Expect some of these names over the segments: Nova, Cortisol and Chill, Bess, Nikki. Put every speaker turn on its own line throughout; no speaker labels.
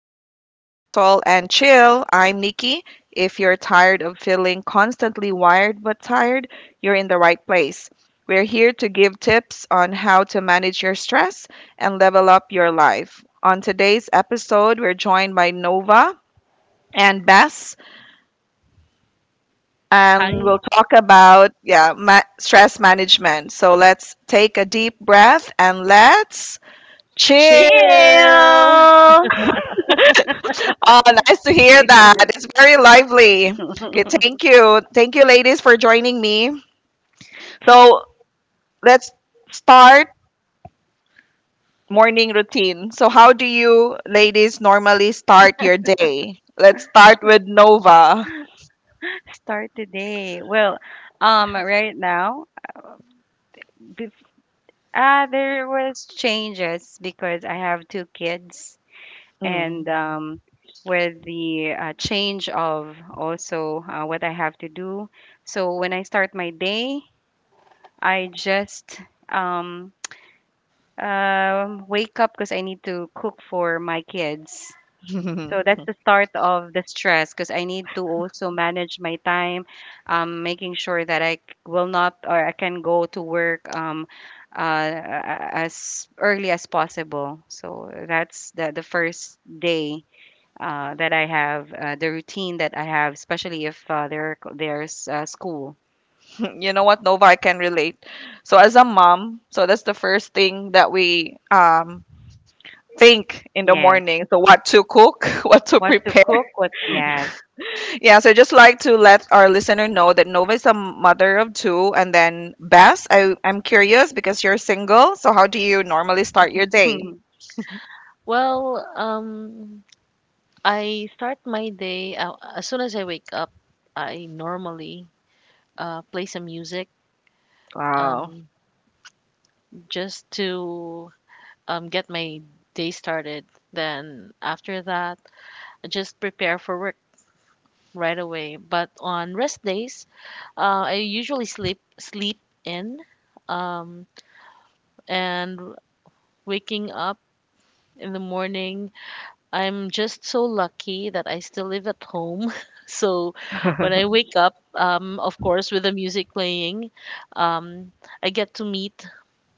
back to Cortisol and Chill. I'm Nikki. If you're tired of feeling constantly wired but tired, you're in the right place. We're here to give tips on how to manage your stress and level up your life. On today's episode, we're joined by Nova and Bess, and
Hi,
we'll talk about yeah, stress management. So let's take a deep breath and let's chill.
chill.
Chill.
Oh, nice to hear that. It's very lively. Okay, thank you. Thank you, ladies, for joining me. So let's start morning routine. So, how do you ladies normally start your day? Let's start with Nova.
Start today. Well, right now, uh, bef there was changes because I have two kids, and
Mm.
with the change of also what I have to do. So when I start my day, I just um, wake up because I need to cook for my kids. So
You
that's the start of the stress because I need to also manage my time, making sure that will not or I can go to work as early as possible. So that's the first day that I have the routine that I have, especially if there's school.
know what, Nova, I can relate. So, as a mom, so that's the first thing that we think in the
Yes,
morning. So, what to cook, what to
what to
prepare.
cook? What? Yes.
Yeah, so just like to let our listener know that Nova is a mother of two, and then Bess, I'm curious because you're single. So how do you normally start your day?
Well, um, I start my day as soon as I wake up. I normally play some music
Wow.
um, just to get my day started. Then after that, I just prepare for work right away. But on rest days, I usually sleep in, um, and waking up in the morning, I'm just so lucky that I still live at home. So when I wake up, of course, with the music playing, um, I get to meet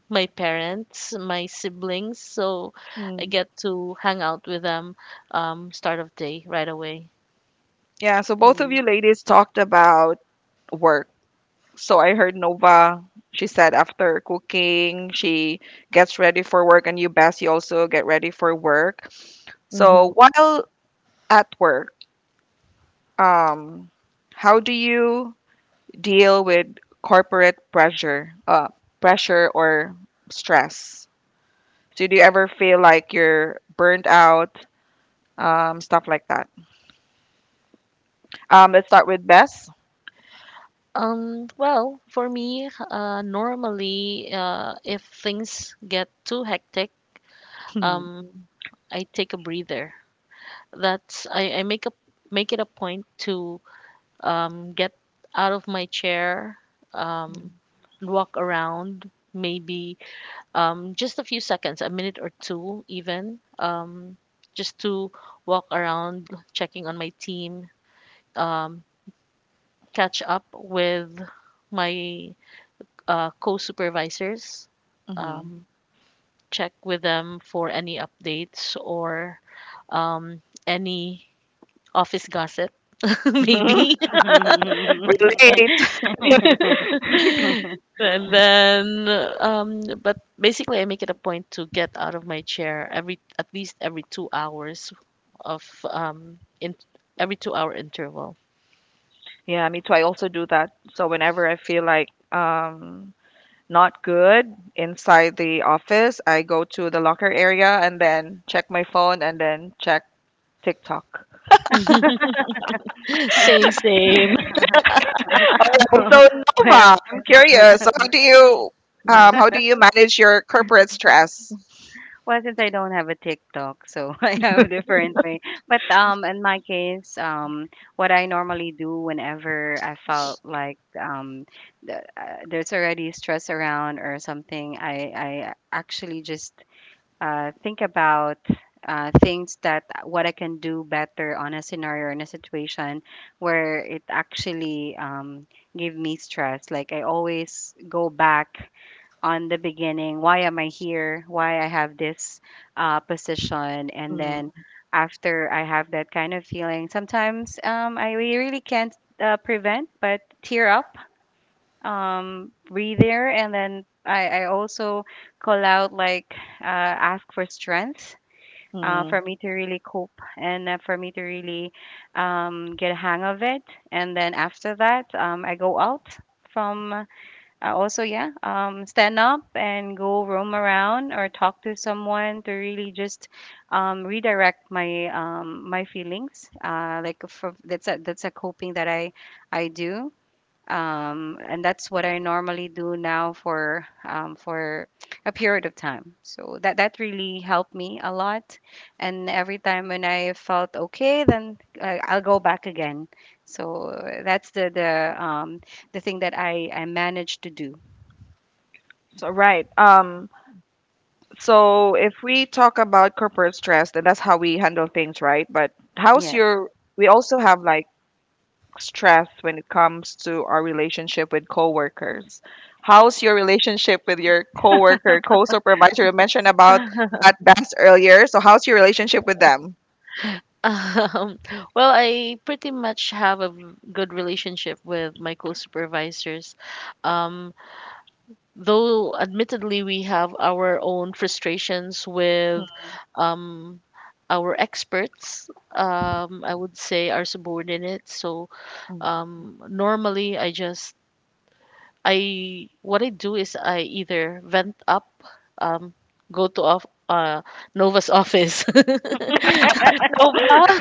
my parents, my siblings. So I
Mm.
get to hang out with them, start of day right away.
Yeah, so both of you ladies talked about work. So I heard Nova, she said after cooking, she gets ready for work, and you, Bess, you also get ready for work.
hmm
So while at work, um, how do you deal with corporate pressure, pressure or stress? So do you ever feel like you're burnt out, stuff like that? Let's start with Bess.
Well, for me, normally, if things get too hectic, um, I take a breather. I make a make it a point to, get out of my chair, um, walk around, maybe just a few seconds, a minute or two, even, just to walk around, checking on my team, um, catch up with my co supervisors,
Mm-hmm.
um, check with them for any updates or um, any office gossip, maybe.
Relate.
And then, but basically, I make it a point to get out of my chair every at least every two hours of in every two-hour interval.
Yeah, me too. I also do that. So whenever I feel like not good inside the office, I go to the locker area and then check my phone and then check TikTok.
Same, same.
Oh, so
well,
Nova, I'm curious. So how do you
Yeah.
how do you manage your corporate stress?
Well, since I don't have a TikTok, so I have a different way. But in my case, what I normally do whenever I felt like there's already stress around or something, I actually just think about things that what I can do better on a scenario or in a situation where it actually gave me stress. Like I always go back on the beginning. Why am I here? Why I have this position? And
Mm,
then after I have that kind of feeling, sometimes really can't prevent but tear up, breathe air, and then I also call out like, uh, ask for strength
mm.
for me to really cope, and for me to really get a hang of it. And then after that, I go out from also, yeah, stand up and go roam around or talk to someone to really just redirect my feelings. Like for, that's a coping that I do, and that's what I normally do now for a period of time. So that that really helped me a lot. And every time when I felt okay, then I'll go back again. So that's the thing that I managed to do.
So right. So if we talk about corporate stress, then that's how we handle things, right? But how's
Yes.
your? We also have like stress when it comes to our relationship with coworkers. How's your relationship with your coworker, co-supervisor? You mentioned about that dance earlier. So how's your relationship with them?
Um, I pretty much have a good relationship with my co-supervisors. Um, though admittedly we have our own frustrations with um, our experts, I would say our subordinates. So normally I just I what I do is I either vent up, um, go to off Nova's office. Nova,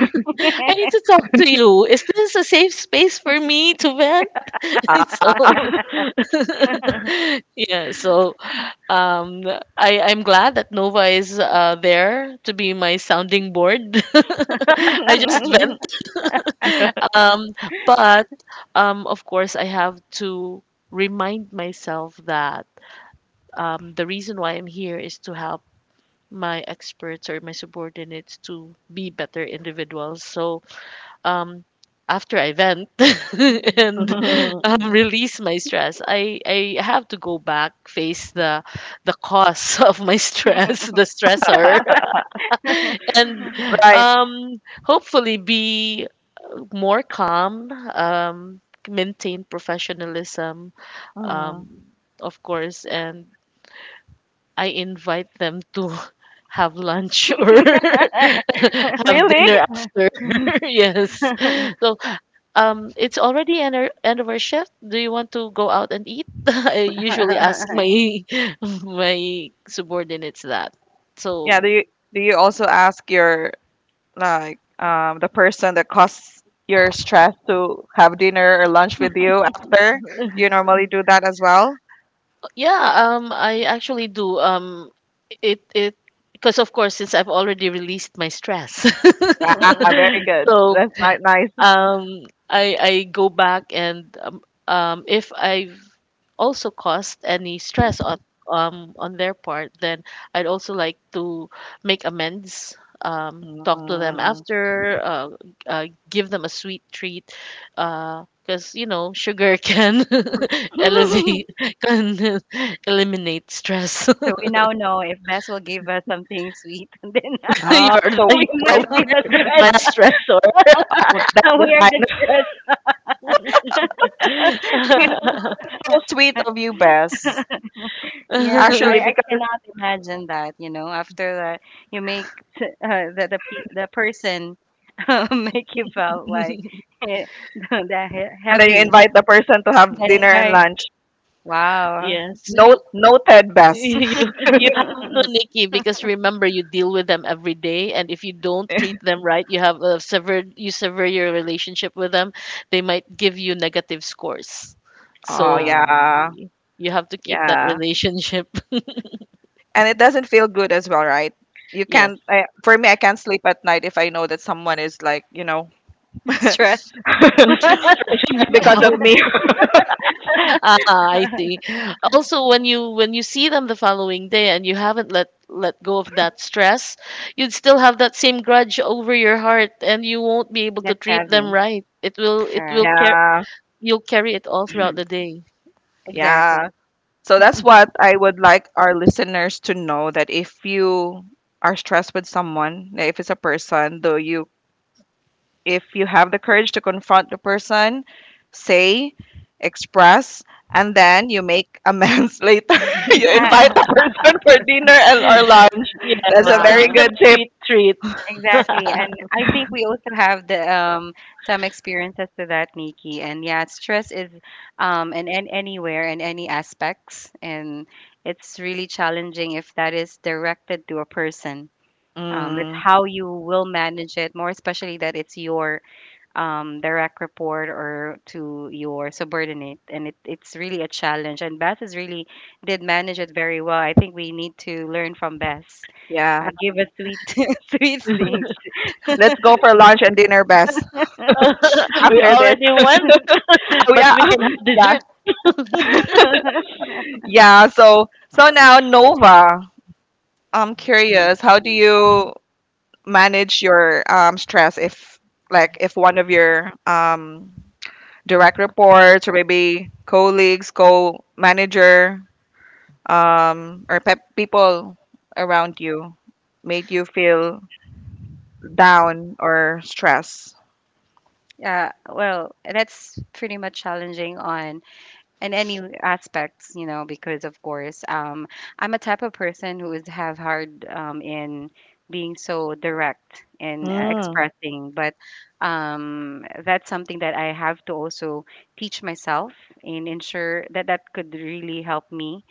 I need to talk to you. Is this a safe space for me to vent?
Ah.
So yeah, so um, I'm glad that Nova is there to be my sounding board. I just vent. Um, but of course, I have to remind myself that the reason why I'm here is to help my experts or my subordinates to be better individuals. So um, after I vent
So
and release my stress, I have to go back, face the cause of my stress, the stressor, and
Right.
hopefully be more calm, maintain professionalism, um,
Mm.
of course, and I invite them to have lunch or have
Really?
dinner after. Yes. So it's already end, our- end of our shift. Do you want to go out and eat? I usually ask my my subordinates that.
Yeah,
So
do you also ask your like the person that caused your stress to have dinner or lunch with you after? Do you normally do that as well?
yeah, I actually do. It it because of course since I've already released my stress,
Ah, very good.
so
That's nice.
um, I go back and if I've also caused any stress on their part, then I'd also like to make amends, talk to them
Mm.
after, uh, give them a sweet treat, because you know sugar can elevate, can eliminate stress.
we now know if Bess will give us something sweet, then
You're
Ah, so
the-
we
where the
might be the
you're
stress.
my
customer is
stressor.
out, that's the
We are the
sign.
stress.
You know, so sweet of you, Bess.
Yes,
Actually,
I
because
cannot imagine that. You know, after you make, the person make you felt like, eh,
and then you
heavy,
invite the person to have
then
dinner
it's
and
like,
lunch.
wow,
Yes, you
Note noted, Bess.
You you have to, Nikki, because remember you deal with them every day, and if you don't treat them right, you have a severed you sever your relationship with them. They might give you negative scores,
Oh
so
um,
yeah,
y- you have to keep that
yeah,
relationship.
and it doesn't feel good as well, right? You
Yes,
can't. I, for me, I can't sleep at night if I know that someone is like, you know,
stress.
stressed
you
because of
out.
me.
Ah, I see. Also, when you see them the following day and you haven't let go of that stress, you'd still have that same grudge over your heart, and you won't be able to
That's
treat them
heavy.
right. It will
Correct.
care
Yeah,
you'll carry it all throughout the day.
yeah.
Exactly.
So that's what I would like our listeners to know that if you are stressed with someone, if it's a person, though you if you have the courage to confront the person, say, express, and then you make amends later. You invite the
Uh,
person for dinner and or lunch. That's
Yes,
a
or
very
give
wow.
them
good
a
tip.
sweet treat.
Exactly. And I think we also have the some experiences to that, Nikki. And yeah, stress is in anywhere, in any aspects, and it's really challenging if that is directed to a person. It's
Mm,
how you will manage it, more especially that it's your direct report or to your subordinate. And it's really a challenge. And Beth is really did manage it very well. I think we need to learn from Beth.
yeah.
Give us sweet, sweet things.
Let's go for lunch and dinner best
We
after this.
already went,
Oh
but
yeah.
we can have
Yeah.
dessert.
Yeah. So so now Nova. I'm
Mm.
curious, how do you manage your stress if like if one of your direct reports or maybe colleagues, co-manager, or people around you made you feel down or stressed?
Yeah, well, that's pretty much challenging on in any aspects, you know, because of course I'm a type of person who is have hard in being so direct in
Mm,
expressing, but that's something that I have to also teach myself and ensure that that could really help me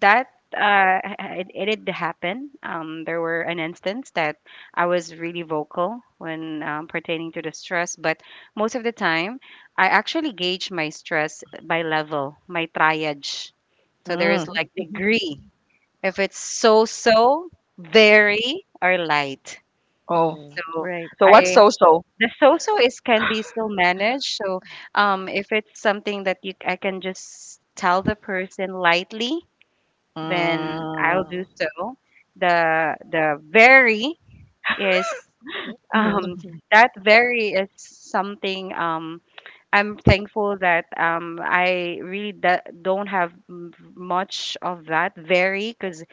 that uh, it did happen. There were an instance that I was really vocal when pertaining to the stress, but most of the time, I actually gauge my stress by level, my triage. So there
mm.
is like degree. If it's so so, very, or light.
Oh,
Mm,
So
right.
so what's
I,
so-so?
the so so is can be still managed. So if it's something that you I can just tell the person lightly, then I'll
Mm,
do so. The very is, um
mm-hmm,
that very is something, I'm thankful that I really d don't have much of that very, because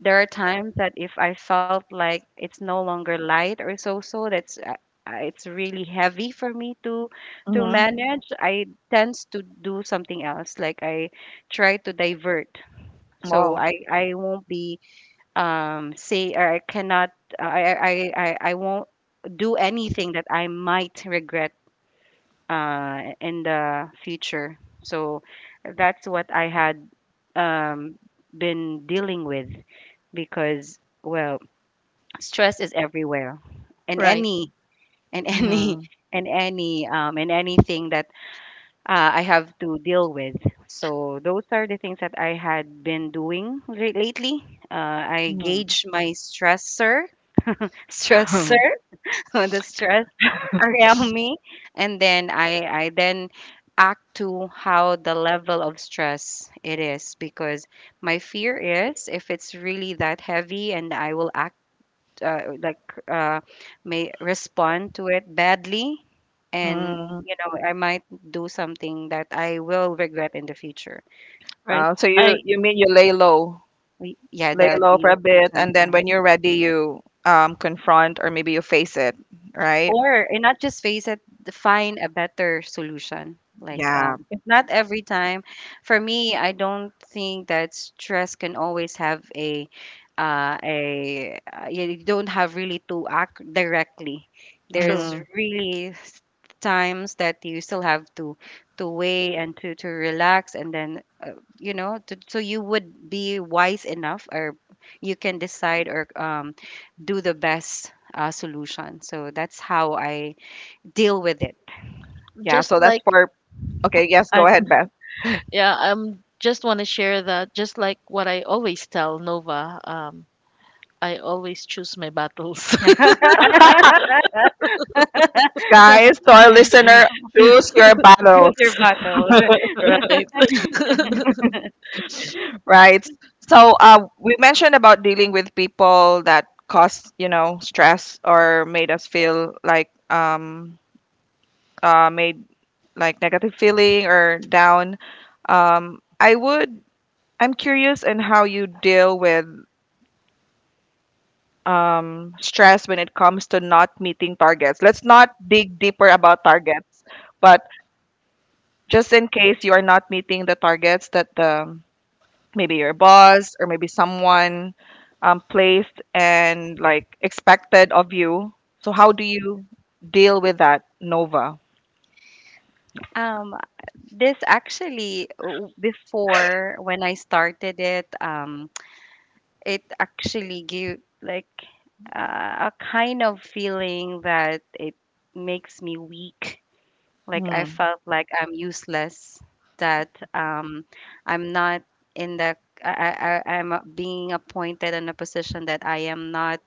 there are times that if I felt like it's no longer light or so so that's it's really heavy for me to
mm-hmm.
manage. I tend to do something else, like I try to divert, so
Wow.
I won't be say, or I cannot, I won't do anything that I might regret in the future. So that's what I had um, been dealing with, because well, stress is everywhere, in
Right.
any, in any,
Mm-hmm,
in any in anything that I have to deal with. So those are the things that I had been doing lately. Uh, I
mm-hmm.
gauge my stressor or the stress around me, and then I then act to how the level of stress it is, because my fear is if it's really that heavy and I will act uh, like uh, may respond to it badly, and
Mm.
you know, I might do something that I will regret in the future.
Right.
So you
I
you mean you
We- yeah,
lay
that
low for
yes,
a bit, and then
sometimes.
when you're ready, you confront or maybe you face it, right?
Or, and not just face it, find a better solution, like
Yeah.
if not every time. For me, I don't think that stress can always have a you don't have really to act directly.
true.
There's
Mm-hmm.
really times that you still have to weigh and to relax, and then you know, to, so you would be wise enough, or you can decide or do the best solution. So that's how I deal with it.
Yeah,
Just
so that's
like
for okay, yes, go
I
ahead, Beth.
yeah, I'm just want to share that just like what I always tell Nova, um, I always choose my battles.
Guys, so our listener, choose your
Choose
battles.
your battles.
Right.
Right. So we mentioned about dealing with people that caused, you know, stress or made us feel like made like negative feeling or down. Um, I would I'm curious in how you deal with stress when it comes to not meeting targets. Let's not dig deeper about targets, but just in case you are not meeting the targets that the maybe your boss or maybe someone placed and like expected of you. So how do you deal with that, Nova?
Um, this actually before when I started it, it actually gave like a kind of feeling that it makes me weak. Like I
Hmm.
felt like I'm useless, that I'm not in the, I'm being appointed in a position that I am not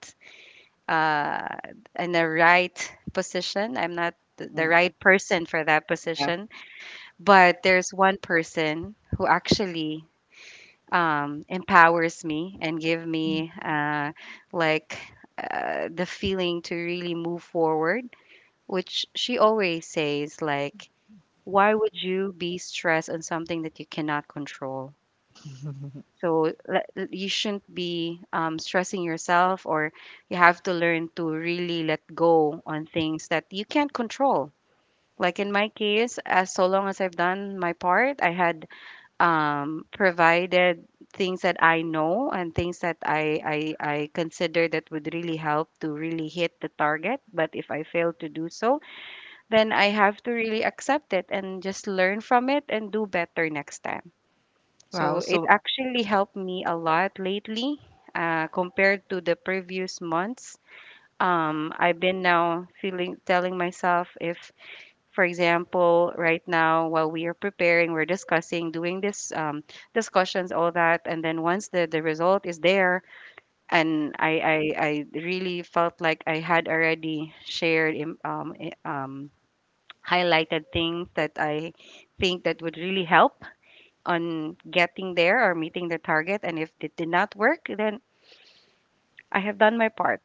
uh, in the right position. I'm not
Hmm,
the right person for that
yeah.
position. But there's one person who actually empowers me and give me like the feeling to really move forward. Which she always says like, why would you be stressed on something that you cannot control? So you shouldn't be stressing yourself, or you have to learn to really let go on things that you can't control. Like in my case, as so long as I've done my part, I had provided things that I know and things that I consider that would really help to really hit the target. But if I fail to do so, then I have to really accept it and just learn from it and do better next time. So
Wow.
it
So
actually helped me a lot lately, compared to the previous months. I've been now feeling, telling myself, if, for example, right now while we are preparing, we're discussing, doing this discussions, all that, and then once the result is there, and I really felt like I had already shared highlighted things that I think that would really help on getting there or meeting the target. And if it did not work, then I have done my part.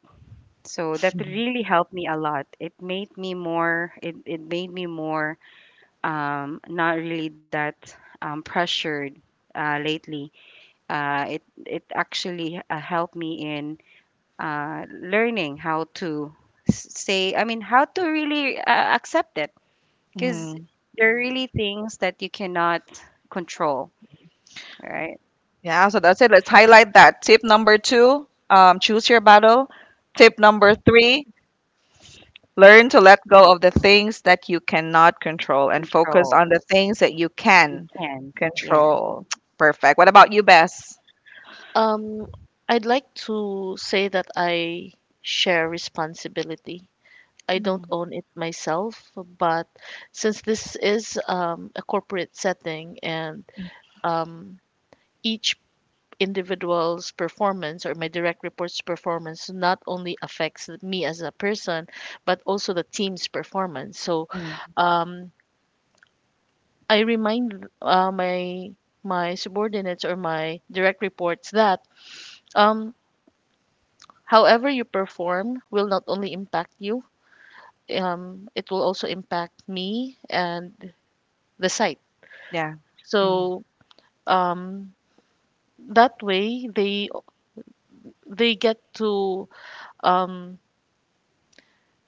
So that really helped me a lot. It made me more. It made me more not really that pressured lately. It actually helped me in learning how to how to really accept it, because
mm,
there are really things that you cannot control, right?
yeah. So that's it. Let's highlight that tip number two. Choose your battle. Tip number three. Learn to let go of the things that you cannot control and focus
Control.
on the things that you
You
can
can. Yes.
control. Perfect. What about you, Bess?
Um, I'd like to say that I share responsibility. I don't
Mm,
own it myself, but since this is a corporate setting and um, each individual's performance or my direct report's performance not only affects me as a person, but also the team's performance. So
mm,
um, I remind my my subordinates or my direct reports that um, however you perform will not only impact you, it will also impact me and the site.
yeah. Mm,
So um, that way they get to um,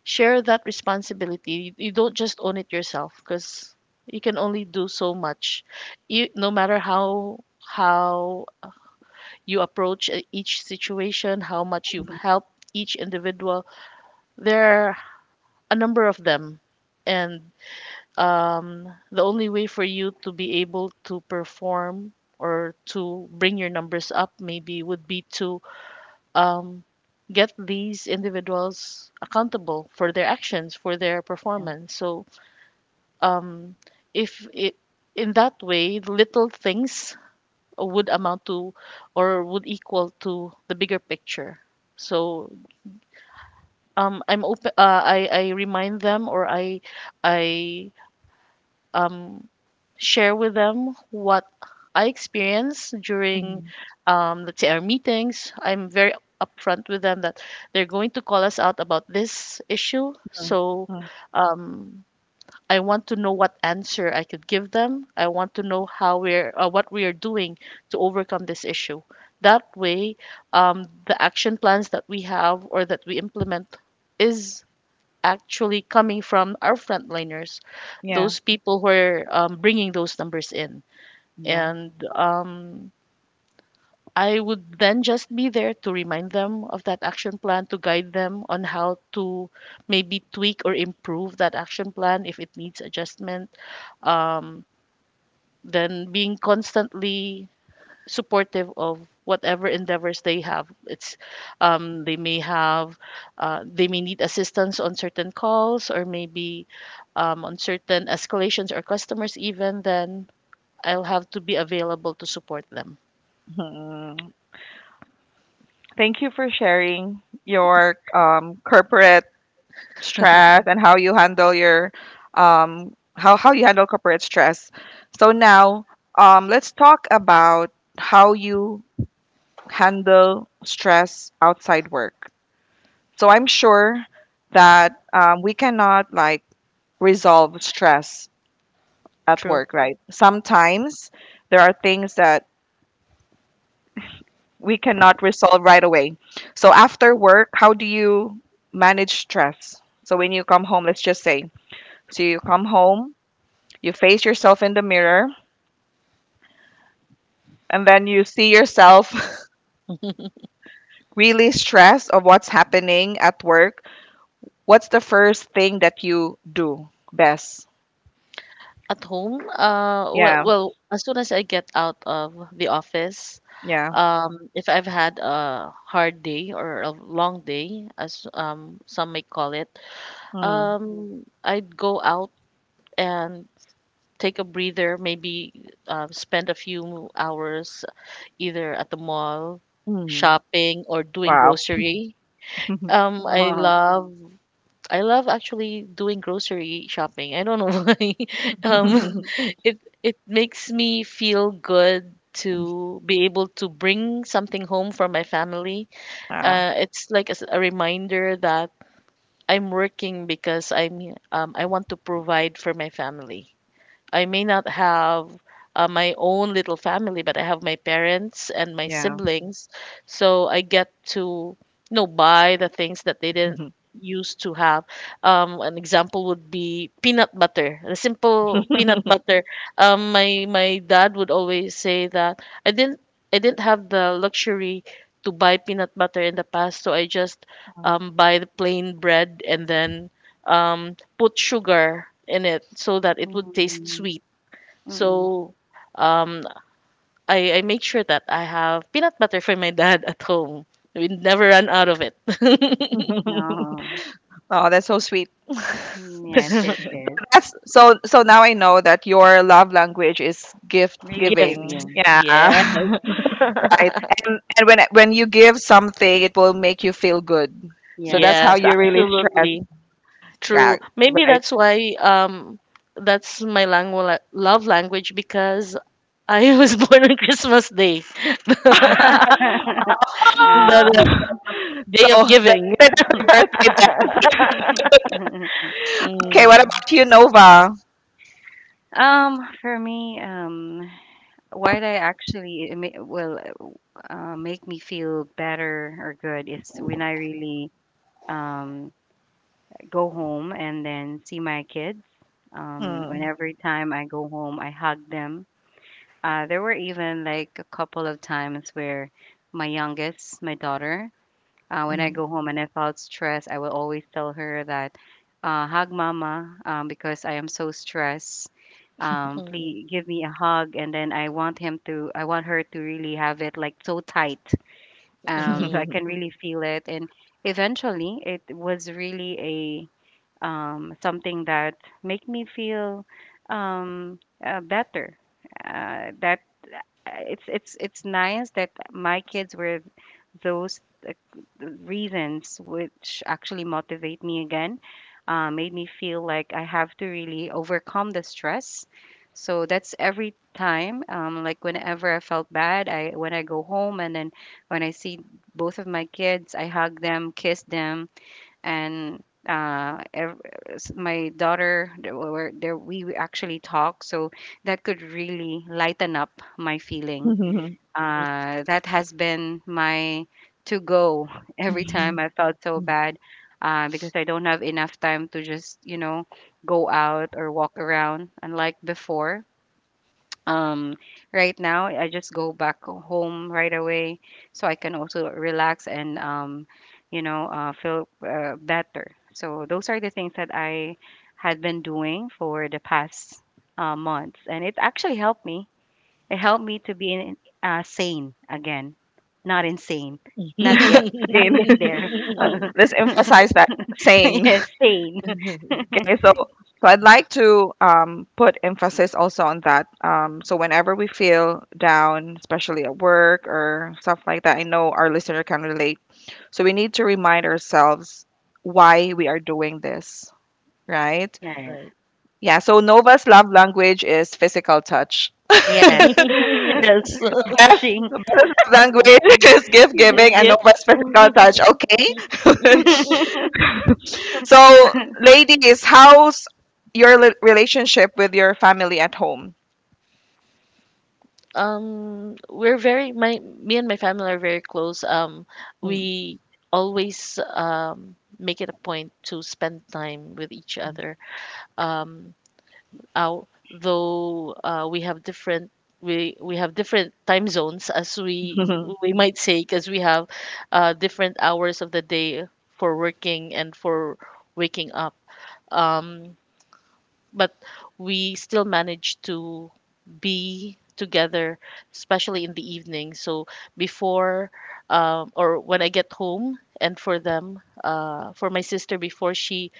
share that responsibility. You don't just own it yourself because you can only do so much. You, no matter how you approach each situation, how much you've
mm,
helped each individual, there are a number of them, and the only way for you to be able to perform or to bring your numbers up maybe would be to um, get these individuals accountable for their actions, for their
yeah.
performance. So, um, if it, in that way, little things would amount to or would equal to the bigger picture. So I'm open. I remind them or I um share with them what I experience during,
Mm,
let's say, our meetings. I'm very upfront with them that they're going to call us out about this issue.
mm,
So
mm,
um, I want to know what answer I could give them. I want to know how we're, what we are doing to overcome this issue. That way, the action plans that we have or that we implement is actually coming from our frontliners,
yeah.
those people who are bringing those numbers in.
Yeah.
And I would then just be there to remind them of that action plan, to guide them on how to maybe tweak or improve that action plan if it needs adjustment. Um, then being constantly supportive of whatever endeavors they have, it's they may have they may need assistance on certain calls or maybe on certain escalations or customers even then I'll have to be available to support them.
Mm. Thank you for sharing your corporate stress and how you handle your how you handle corporate stress. So now let's talk about how you handle stress outside work. So I'm sure that we cannot like resolve stress at
True.
work, right? Sometimes there are things that we cannot resolve right away. So after work, how do you manage stress? So when you come home, let's just say, so you come home, you face yourself in the mirror, and then you see yourself really stressed of what's happening at work. What's the first thing that you do best?
At home, well,
Yeah,
well as soon as I get out of the office,
yeah.
if I've had a hard day or a long day as some may call it,
Mm,
um, I'd go out and take a breather, maybe spend a few hours either at the mall,
mm.
shopping, or doing
Wow.
grocery. Um, I love I love actually doing grocery shopping. I don't know why. Um, it makes me feel good to be able to bring something home for my family.
Ah,
It's like as a reminder that I'm working because I'm I want to provide for my family. I may not have my own little family, but I have my parents and my
yeah.
siblings. So I get to, you know, buy the things that they didn't used to have. An example would be peanut butter, the simple peanut butter. My dad would always say that I didn't have the luxury to buy peanut butter in the past, so I just buy the plain bread and then um, put sugar in it so that
No.
it would taste
Mm,
sweet.
mm,
So um, I make sure that I have peanut butter for my dad at home. We never run out of it.
no.
Oh, that's so sweet.
Mm, yes, it is.
That's so so now I know that your love language is gift
Really
Gift.
giving.
giving.
Yeah.
Yes.
Right. And when you give something, it will make you feel good. So that's
Yes.
how
Yes,
you really stress.
absolutely.
Yeah,
True. Maybe
right.
that's why um, that's my langu- love language, because I was born on Christmas Day. the,
Ah.
the-
Uh-huh.
So,
day of giving.
belated happy birthday, Beth. Okay,
Mm.
what about you, Nova?
For me, why I actually will make me feel better or good is when I really um go home and then see my kids. When
Mm,
every time I go home, I hug them. There were even like a couple of times where my youngest, my daughter, when I
mhm.
go home and I felt stressed, I will always tell her that, hug mama, because I am so stressed. Please give me a hug, and then I want him to, I want her to really have it like so tight, so I
Mhm.
can really feel it. And eventually, it was really something that make me feel um, better. That it's nice that my kids were those uh, reasons which actually motivate me again, made me feel like I have to really overcome the stress. So that's every time, like whenever I felt bad, I when I go home and then when I see both of my kids, I hug them, kiss them, and uh ev- my daughter, there were, there we actually talk, so that could really lighten up my feeling, that has been my to go Every time I felt so bad, because I don't have enough time to just, you know, go out or walk around unlike before. um right now, I just go back home right away, so I can also relax and, you know, feel better. So those are the things that I had been doing for the past months, and it actually helped me, it helped me to be sane again, not insane, not yet. Not
Sane.
yet there.
Uh, let's emphasize that sane.
Yes, sane.
Okay, so so I'd like to put emphasis also on that. So whenever we feel down, especially at work or stuff like that, I know our listener can relate. So we need to remind ourselves why we are doing this, right?
Right.
Right.
Yeah. So Nova's love language is physical touch.
Yes,
Yes.
Beth
touching.
language is gift giving
It's
and no less physical touch.
gifts.
Okay. So, ladies, how's your relationship with your family at home?
Um, we're very my me and my family are very close.
Hmm.
We always make it a point to spend time with each other. Um, out though we have different time zones as we might say because we have different hours of the day for working and for waking up um, but we still manage to be together, especially in the evening. So before or when I get home and for them for my sister before she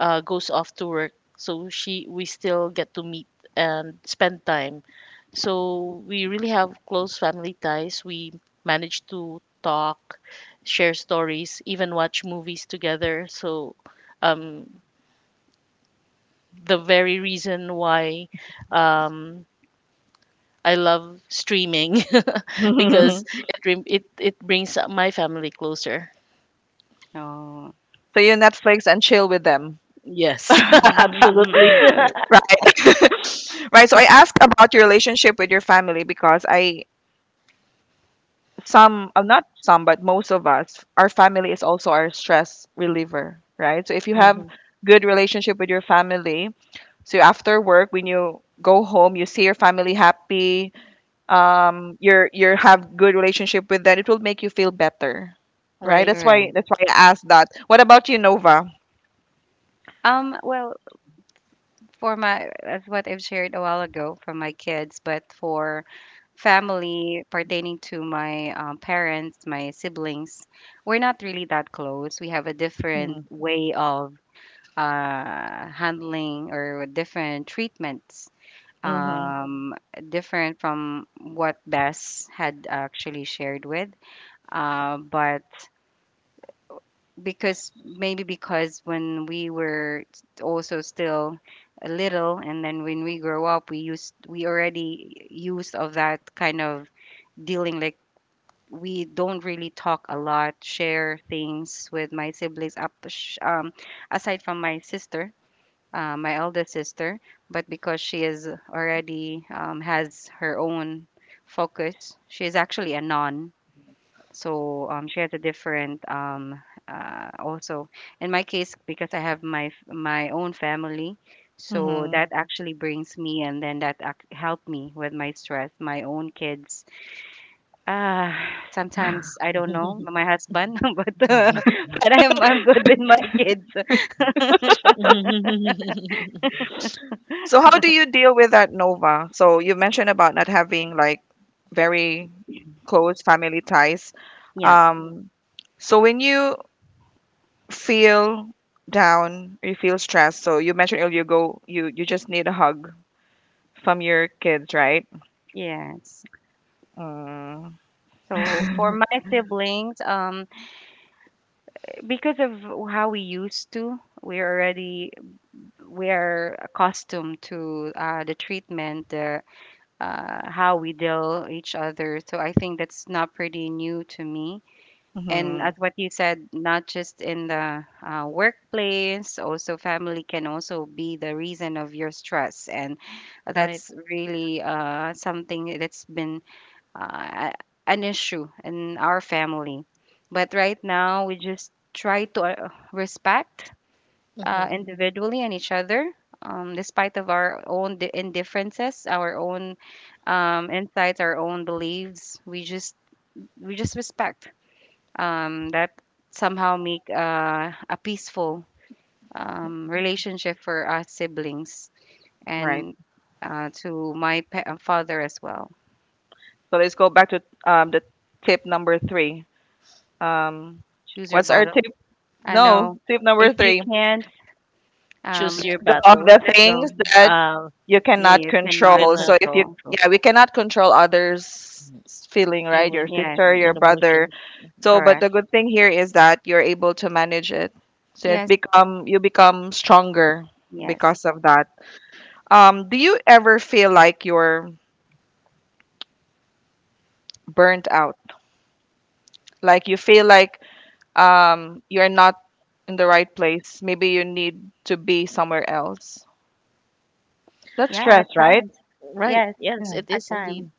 goes off to work, so she we still get to meet and spend time. So we really have close family ties. We manage to talk, share stories, even watch movies together. So um, the very reason why um, I love streaming because
So
it rem- it brings my family closer.
Oh.
you Netflix and chill with them.
Yes, absolutely.
Right. Right. So I asked about your relationship with your family because I some not some but most of us our family is also our stress reliever, right? So if you have
Hmm.
good relationship with your family, so after work, when you go home, you see your family happy. You're you have good relationship with them. It will make you feel better, right?
Right.
That's why
Right.
that's why I asked that. What about you, Nova?
Well, for my, as what I've shared a while ago for my kids, but for family pertaining to my parents, my siblings, we're not really that close. We have a different
Mm-hmm.
way of handling or different treatments, um, different from what Bess had actually shared with. But because maybe because when we were also still a little, and then when we grow up, we used, we already used of that kind of dealing, like we don't really talk a lot, share things with my siblings, aside from my sister, my eldest sister. But because she is already, has her own focus, she is actually a non, so she has a different also, in my case, because I have my own family, so
Mm-hmm.
that actually brings me, and then that helped me with my stress. My own kids. Uh, sometimes I don't know my husband, but, but I'm good with my kids.
So how do you deal with that, Nova? So you mentioned about not having like very close family ties.
Yeah,
Um, so when you feel down, you feel stressed. So you mentioned earlier, you go you you just need a hug from your kids, right?
yes.
Mm,
So for my siblings, because of how we used to, we're already, we're accustomed to the treatment, the how we deal each other. So I think that's not pretty new to me. And
mhm,
as what you said, not just in the workplace, also family can also be the reason of your stress, and
Right.
that's really something that's been uh, an issue in our family. But right now, we just try to respect
Mm-hmm.
individually and each other, despite of our own indifferences, our own insights, our own beliefs. We just, we just respect that somehow make a peaceful relationship for us siblings,
right.
and to my father as well.
So let's go back to the tip number three. Um,
Choose your
what's our
bottle.
tip?
I
No,
know,
tip number
if you
three.
can't um,
Choose your
Go of
battle.
the
let
things
go,
that
Uh,
you
yeah,
cannot
you cannot
control. So
cannot
if you,
control.
control
yeah, we cannot control others' feeling, right? Your
feelings
Yes,
sister, your
and
brother.
emotions.
So, but the
correct.
good thing here is that you're able to manage it. So it
Yes,
become you become stronger
yes.
because of that. Do you ever feel like you're burnt out? Like you feel like you're not in the right place. Maybe you need to be somewhere else. That's
Yeah,
stress,
at
right?
times.
Right.
Yes,
Yes,
Yeah.
it
at
is
times,
indeed.
Mm,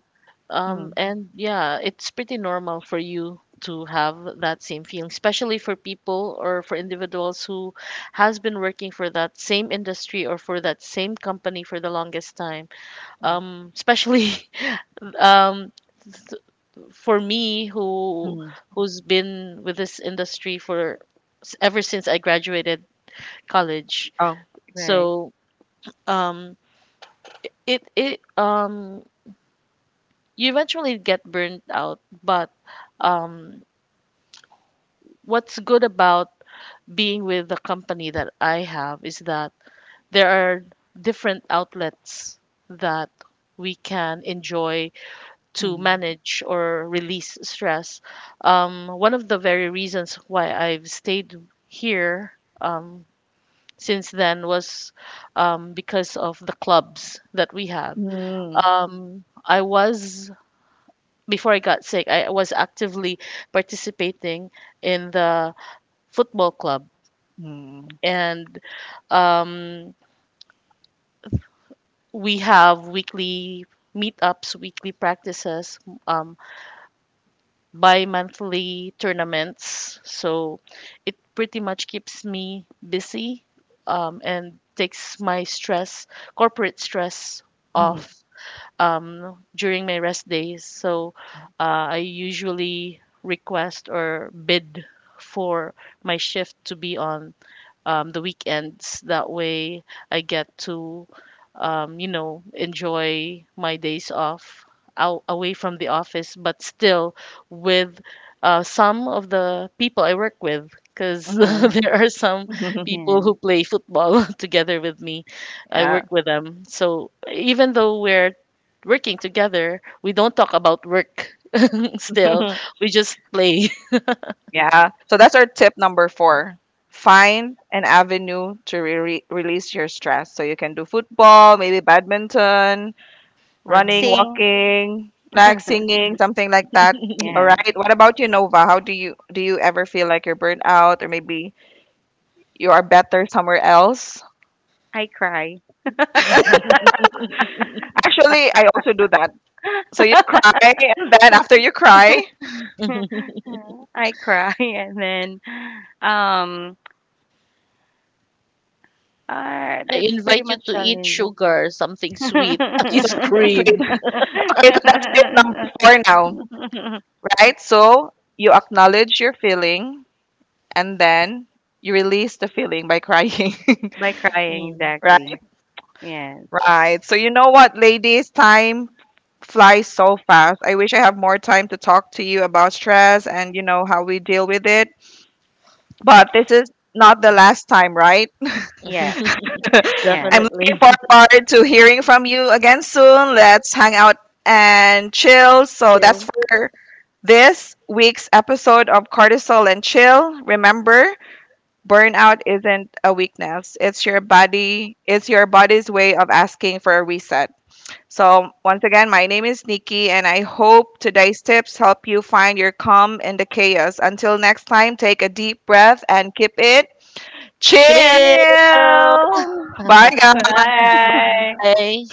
mm,
And yeah, it's pretty normal for you to have that same feeling, especially for people or for individuals who has been working for that same industry or for that same company for the longest time.
yeah.
Especially um, for me who
Mm.
who's been with this industry for s- ever since I graduated college.
Oh.
right.
So um, it you eventually get burnt out, but um, what's good about being with the company that I have is that there are different outlets that we can enjoy to
Mm.
manage or release stress. Um, one of the very reasons why I've stayed here um since then was because of the clubs that we have.
Mm.
Um, I was before I got sick, I was actively participating in the football club,
Mm.
and um, we have weekly meetups, weekly practices, um, bi-monthly tournaments. So it pretty much keeps me busy and takes my stress, corporate stress,
Mhm.
off during my rest days. So I usually request or bid for my shift to be on the weekends. That way, I get to, you know, enjoy my days off out, away from the office, but still with some of the people I work with. Because
Mhm.
there are some people
Yeah,
who play football together with me. I
Yeah.
work with them. So even though we're working together, we don't talk about work still. We just play.
yeah.
Yeah. So that's our tip number four. Find an avenue to release your stress. So you can do football, maybe badminton,
Or
running,
sing.
walking, like singing, something like that. All
Yeah,
right. What about you, Nova? How do you ever feel like you're burnt out or maybe you are better somewhere else?
I cry.
Mhm.
Actually, I also do that. So you cry and then after you cry,
I cry, and then um,
I
that's
invite
pretty
you
much
to eat
challenging.
sugar, something sweet, ice
things
cream.
will okay, so that's tip number four now, right? So you acknowledge your feeling and then you release the feeling by crying,
By crying,
Mm,
right?
exactly. Yes,
Right. So you know what, ladies, time flies so fast. I wish I have more time to talk to you about stress and you know how we deal with it. But this is not the last time, right?
yeah. Yes.
I'm looking
definitely.
forward to hearing from you again soon. Let's hang out and chill. So that's
Chill.
for this week's episode of Cortisol and Chill. Remember, burnout isn't a weakness. It's your body, it's your body's way of asking for a reset. So, once again, my name is Nikki, and I hope today's tips help you find your calm in the chaos. Until next time, take a deep breath and keep it
Chill.
chill.
Chill.
Bye, guys.
Bye.
Bye.